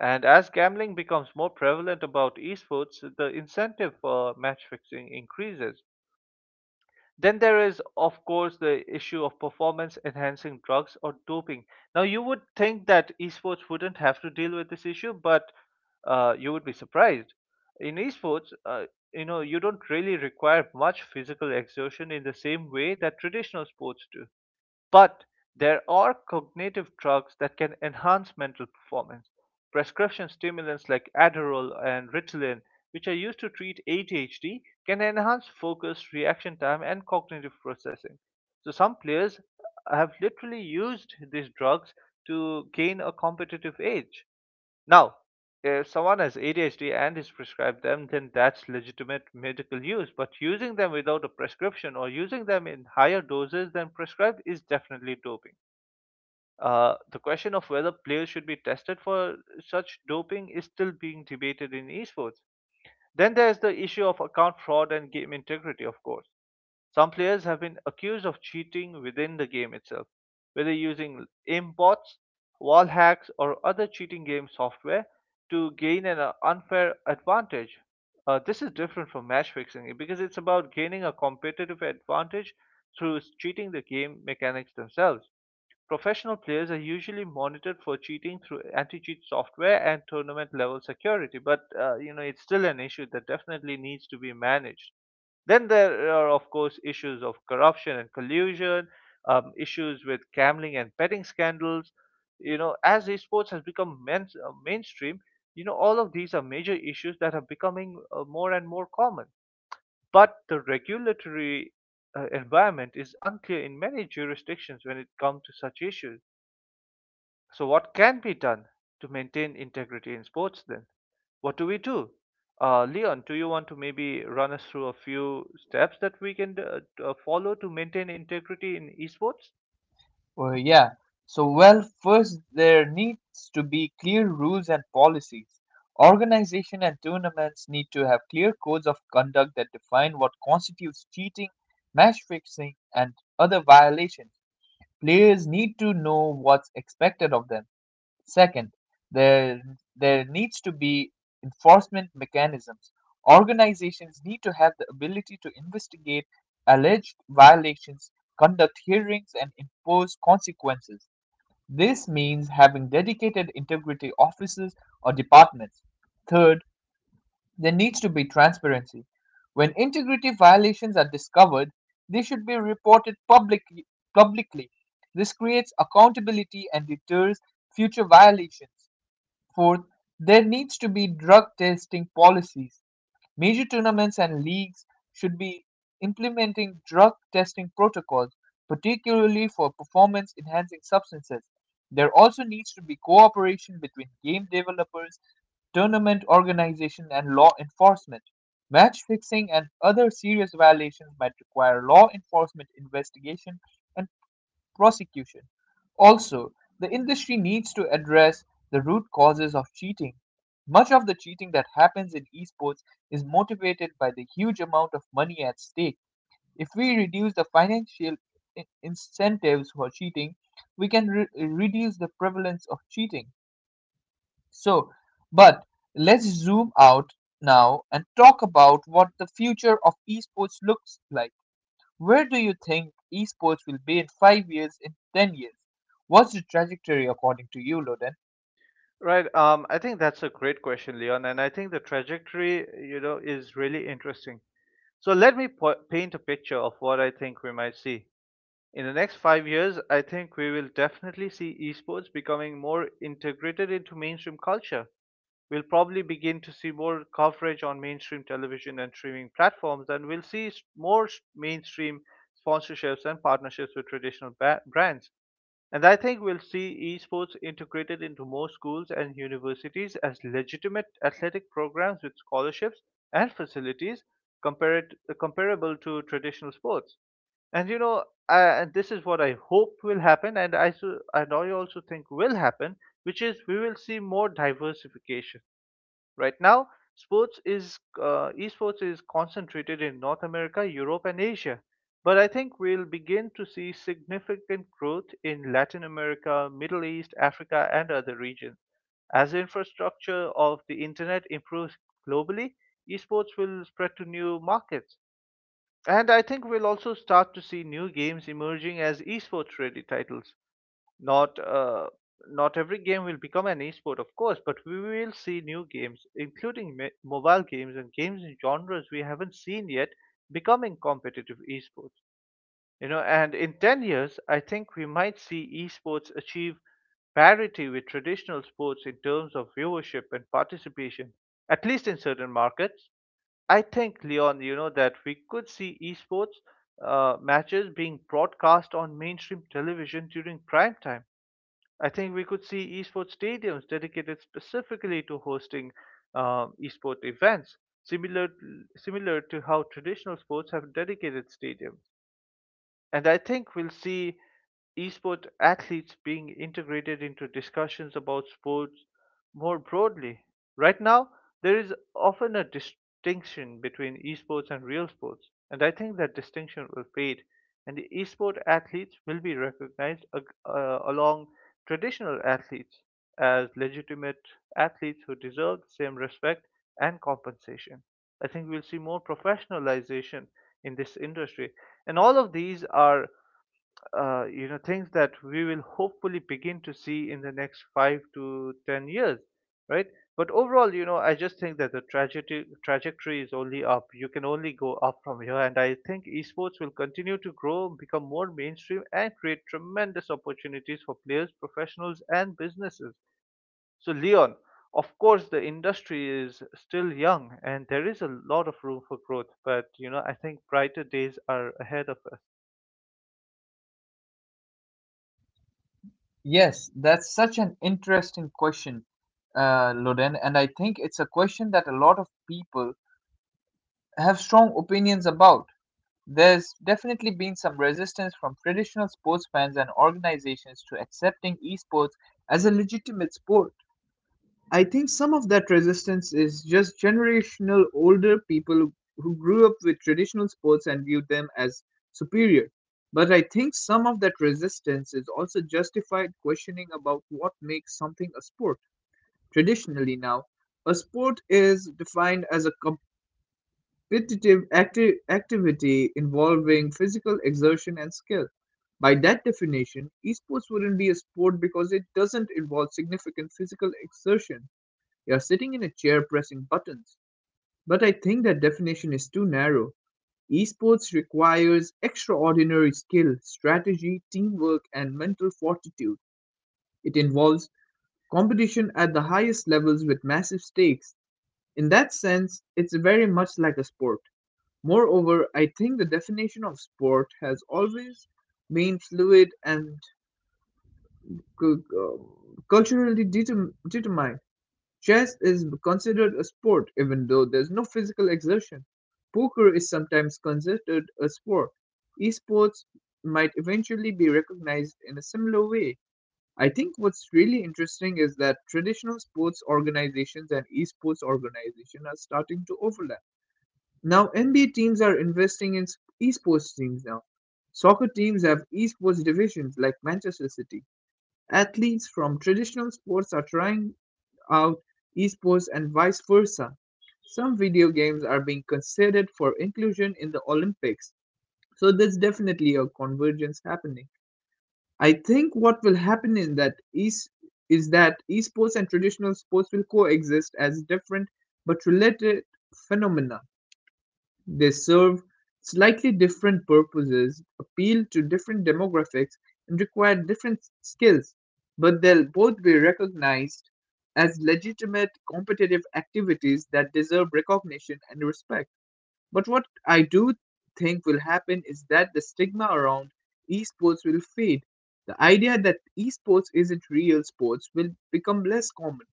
B: And as gambling becomes more prevalent about esports, the incentive for match fixing increases. Then there is, of course, the issue of performance enhancing drugs or doping. Now, you would think that esports wouldn't have to deal with this issue, but you would be surprised. In esports, you don't really require much physical exertion in the same way that traditional sports do. But there are cognitive drugs that can enhance mental performance. Prescription stimulants like Adderall and Ritalin, which are used to treat ADHD, can enhance focus, reaction time, and cognitive processing. So, some players have literally used these drugs to gain a competitive edge. Now, if someone has ADHD and is prescribed them, then that's legitimate medical use. But using them without a prescription or using them in higher doses than prescribed is definitely doping. The question of whether players should be tested for such doping is still being debated in esports. Then there's the issue of account fraud and game integrity, of course. Some players have been accused of cheating within the game itself, whether using aimbots, wall hacks, or other cheating game software to gain an unfair advantage. This is different from match fixing because it's about gaining a competitive advantage through cheating the game mechanics themselves. Professional players are usually monitored for cheating through anti-cheat software and tournament level security, but you know, it's still an issue that definitely needs to be managed. Then there are, of course, issues of corruption and collusion, issues with gambling and betting scandals. You know, as esports has become mainstream, you know, all of these are major issues that are becoming more and more common. But the regulatory environment is unclear in many jurisdictions when it comes to such issues. So, what can be done to maintain integrity in sports then? What do we do? Leon, do you want to maybe run us through a few steps that we can follow to maintain integrity in esports?
A: Well, yeah. So, well, first there needs to be clear rules and policies. Organization and tournaments need to have clear codes of conduct that define what constitutes cheating, match fixing, and other violations. Players need to know what's expected of them. Second, there there needs to be enforcement mechanisms. Organizations need to have the ability to investigate alleged violations, conduct hearings, and impose consequences. This means having dedicated integrity offices or departments. Third, there needs to be transparency. When integrity violations are discovered, they should be reported publicly. This creates accountability and deters future violations. Fourth, there needs to be drug testing policies. Major tournaments and leagues should be implementing drug testing protocols, particularly for performance enhancing substances. There also needs to be cooperation between game developers, tournament organization, and law enforcement. Match fixing and other serious violations might require law enforcement investigation and prosecution. Also, the industry needs to address the root causes of cheating. Much of the cheating that happens in esports is motivated by the huge amount of money at stake. If we reduce the financial incentives for cheating, we can reduce the prevalence of cheating. So, but let's zoom out now and talk about what the future of esports looks like. Where do you think esports will be in 5 years, in 10 years? What's the trajectory according to you, Loden?
B: Right. I think that's a great question, Leon, and I think the trajectory, you know, is really interesting. So let me paint a picture of what I think we might see. In the next 5 years, I think we will definitely see esports becoming more integrated into mainstream culture. We'll probably begin to see more coverage on mainstream television and streaming platforms, and we'll see more mainstream sponsorships and partnerships with traditional brands. And I think we'll see esports integrated into more schools and universities as legitimate athletic programs with scholarships and facilities comparable to traditional sports. And you know, I, and this is what I hope will happen, and I also think will happen, which is we will see more diversification. Right now, sports is esports is concentrated in North America, Europe, and Asia. But I think we'll begin to see significant growth in Latin America, Middle East, Africa, and other regions. As the infrastructure of the internet improves globally, esports will spread to new markets. And I think we'll also start to see new games emerging as esports ready titles. Not uh, Not every game will become an esport, of course, but we will see new games, including mobile games and games in genres we haven't seen yet, becoming competitive esports. You know, and in 10 years, I think we might see esports achieve parity with traditional sports in terms of viewership and participation, at least in certain markets. I think, Leon, you know, that we could see esports matches being broadcast on mainstream television during prime time. I think we could see esports stadiums dedicated specifically to hosting esport events, similar similar to how traditional sports have dedicated stadiums. And I think we'll see esport athletes being integrated into discussions about sports more broadly. Right now, there is often a distinction between esports and real sports, and I think that distinction will fade, and the esport athletes will be recognized along traditional athletes as legitimate athletes who deserve the same respect and compensation. I think we'll see more professionalization in this industry. And all of these are, you know, things that we will hopefully begin to see in the next 5 to 10 years, right? But overall, you know, I just think that the trajectory is only up. You can only go up from here, and I think esports will continue to grow, become more mainstream, and create tremendous opportunities for players, professionals, and businesses. So, Leon, of course, the industry is still young and there is a lot of room for growth, but you know, I think brighter days are ahead of us.
A: Yes, that's such an interesting question, Loden, and I think it's a question that a lot of people have strong opinions about. There's definitely been some resistance from traditional sports fans and organizations to accepting esports as a legitimate sport. I think some of that resistance is just generational, older people who grew up with traditional sports and viewed them as superior. But I think some of that resistance is also justified questioning about what makes something a sport. Traditionally, now, a sport is defined as a competitive activity involving physical exertion and skill. By that definition, esports wouldn't be a sport because it doesn't involve significant physical exertion, you're sitting in a chair pressing buttons. But I think that definition is too narrow. Esports requires extraordinary skill, strategy, teamwork, and mental fortitude. It involves competition at the highest levels with massive stakes. In that sense, it's very much like a sport. Moreover, I think the definition of sport has always been fluid and cu- uh, culturally determined. Chess is considered a sport even though there's no physical exertion. Poker is sometimes considered a sport. Esports might eventually be recognized in a similar way. I think what's really interesting is that traditional sports organizations and esports organizations are starting to overlap. Now, NBA teams are investing in esports teams now. Soccer teams have esports divisions like Manchester City. Athletes from traditional sports are trying out esports and vice versa. Some video games are being considered for inclusion in the Olympics. So there's definitely a convergence happening. I think what will happen in that is that esports and traditional sports will coexist as different but related phenomena. They serve slightly different purposes, appeal to different demographics, and require different skills, but they'll both be recognized as legitimate competitive activities that deserve recognition and respect. But what I do think will happen is that the stigma around esports will fade. The idea that esports isn't real sports will become less common.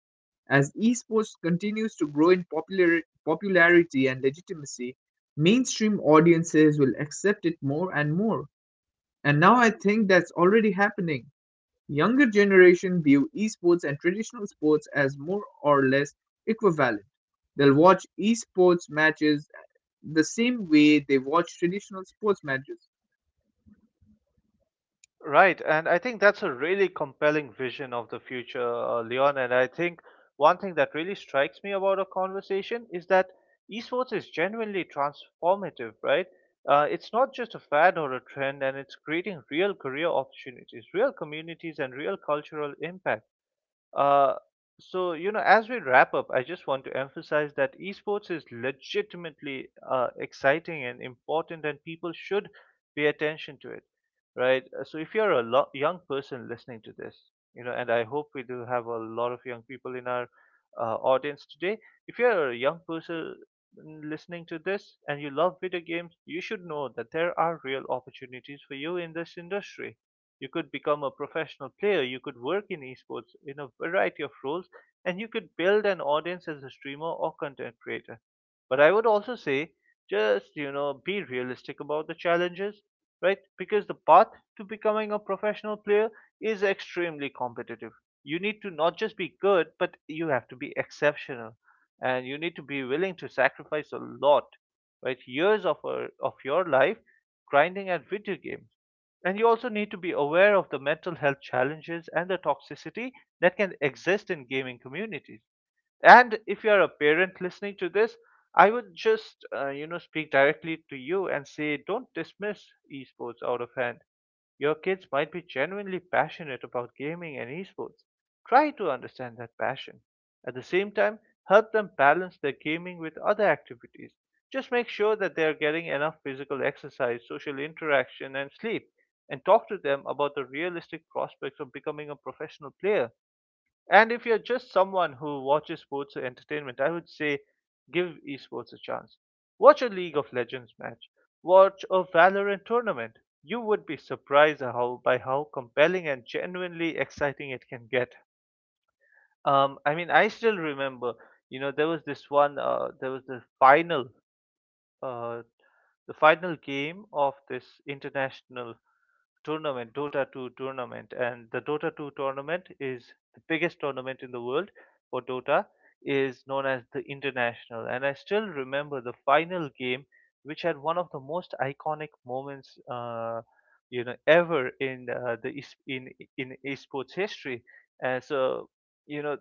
A: As esports continues to grow in popularity and legitimacy, mainstream audiences will accept it more and more. And now I think that's already happening. Younger generation view esports and traditional sports as more or less equivalent. They'll watch esports matches the same way they watch traditional sports matches.
B: Right, and I think that's a really compelling vision of the future, Leon. And I think one thing that really strikes me about our conversation is that esports is genuinely transformative, right? It's not just a fad or a trend, and it's creating real career opportunities, real communities, and real cultural impact. Uh, so you know, as we wrap up, I just want to emphasize that esports is legitimately exciting and important, and people should pay attention to it, right? So if you're a young person listening to this, you know, and I hope we do have a lot of young people in our audience today. If you're a young person listening to this, you could become a professional player, you could work in esports in a variety of roles, and you could build an audience as a streamer or content creator. But I would also say just, you know, be realistic about the challenges, right? Because the path to becoming a professional player is extremely competitive. You need to not just be good, but you have to be exceptional. And you need to be willing to sacrifice a lot, right? Years of your life grinding at video game, and you also need to be aware of the mental health challenges and the toxicity that can exist in gaming communities. And if you're a parent listening to this, I would just, you know, speak directly to you and say, don't dismiss esports out of hand. Your kids might be genuinely passionate about gaming and esports. Try to understand that passion. At the same time, help them balance their gaming with other activities. Just make sure that they are getting enough physical exercise, social interaction, and sleep, and talk to them about the realistic prospects of becoming a professional player. And if you're just someone who watches sports for entertainment, I would say give esports a chance. Watch a League of Legends match. Watch a Valorant tournament. You would be surprised how by how compelling and genuinely exciting it can get. I mean, I still remember, you know, there was this one, there was uh, the final game of this international tournament, Dota 2 tournament, and the Dota 2 tournament is the biggest tournament in the world for Dota, is known as the International. And I still remember the final game, which had one of the most iconic moments, you know, ever in in esports history. And so, you know,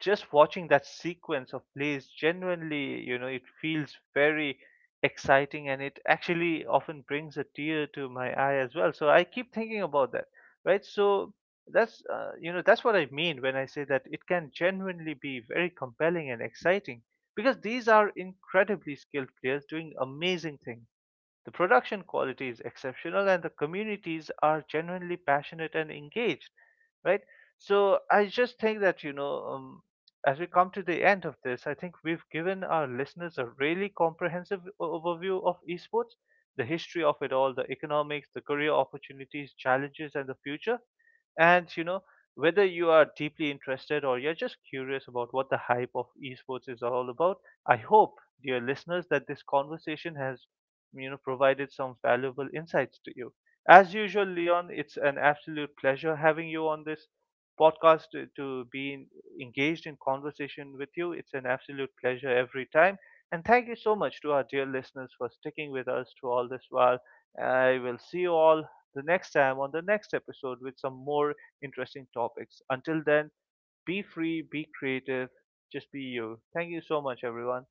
B: just watching that sequence of plays genuinely, you know, it feels very exciting, and it actually often brings a tear to my eye as well, so I keep thinking about that, right? So that's you know, that's what I mean when I say that it can genuinely be very compelling and exciting, because these are incredibly skilled players doing amazing things. The production quality is exceptional and the communities are genuinely passionate and engaged, right? So I just think that, you know, as we come to the end of this, I think we've given our listeners a really comprehensive overview of esports, the history of it all, the economics, the career opportunities, challenges, and the future. And, you know, whether you are deeply interested or you're just curious about what the hype of esports is all about, I hope, dear listeners, that this conversation has, you know, provided some valuable insights to you. As usual, Leon, it's an absolute pleasure having you on this podcast to be engaged in conversation with you. It's an absolute pleasure every time. And thank you so much to our dear listeners for sticking with us through all this while. I will see you all the next time on the next episode with some more interesting topics. Until then, be free, be creative, just be you. Thank you so much, everyone.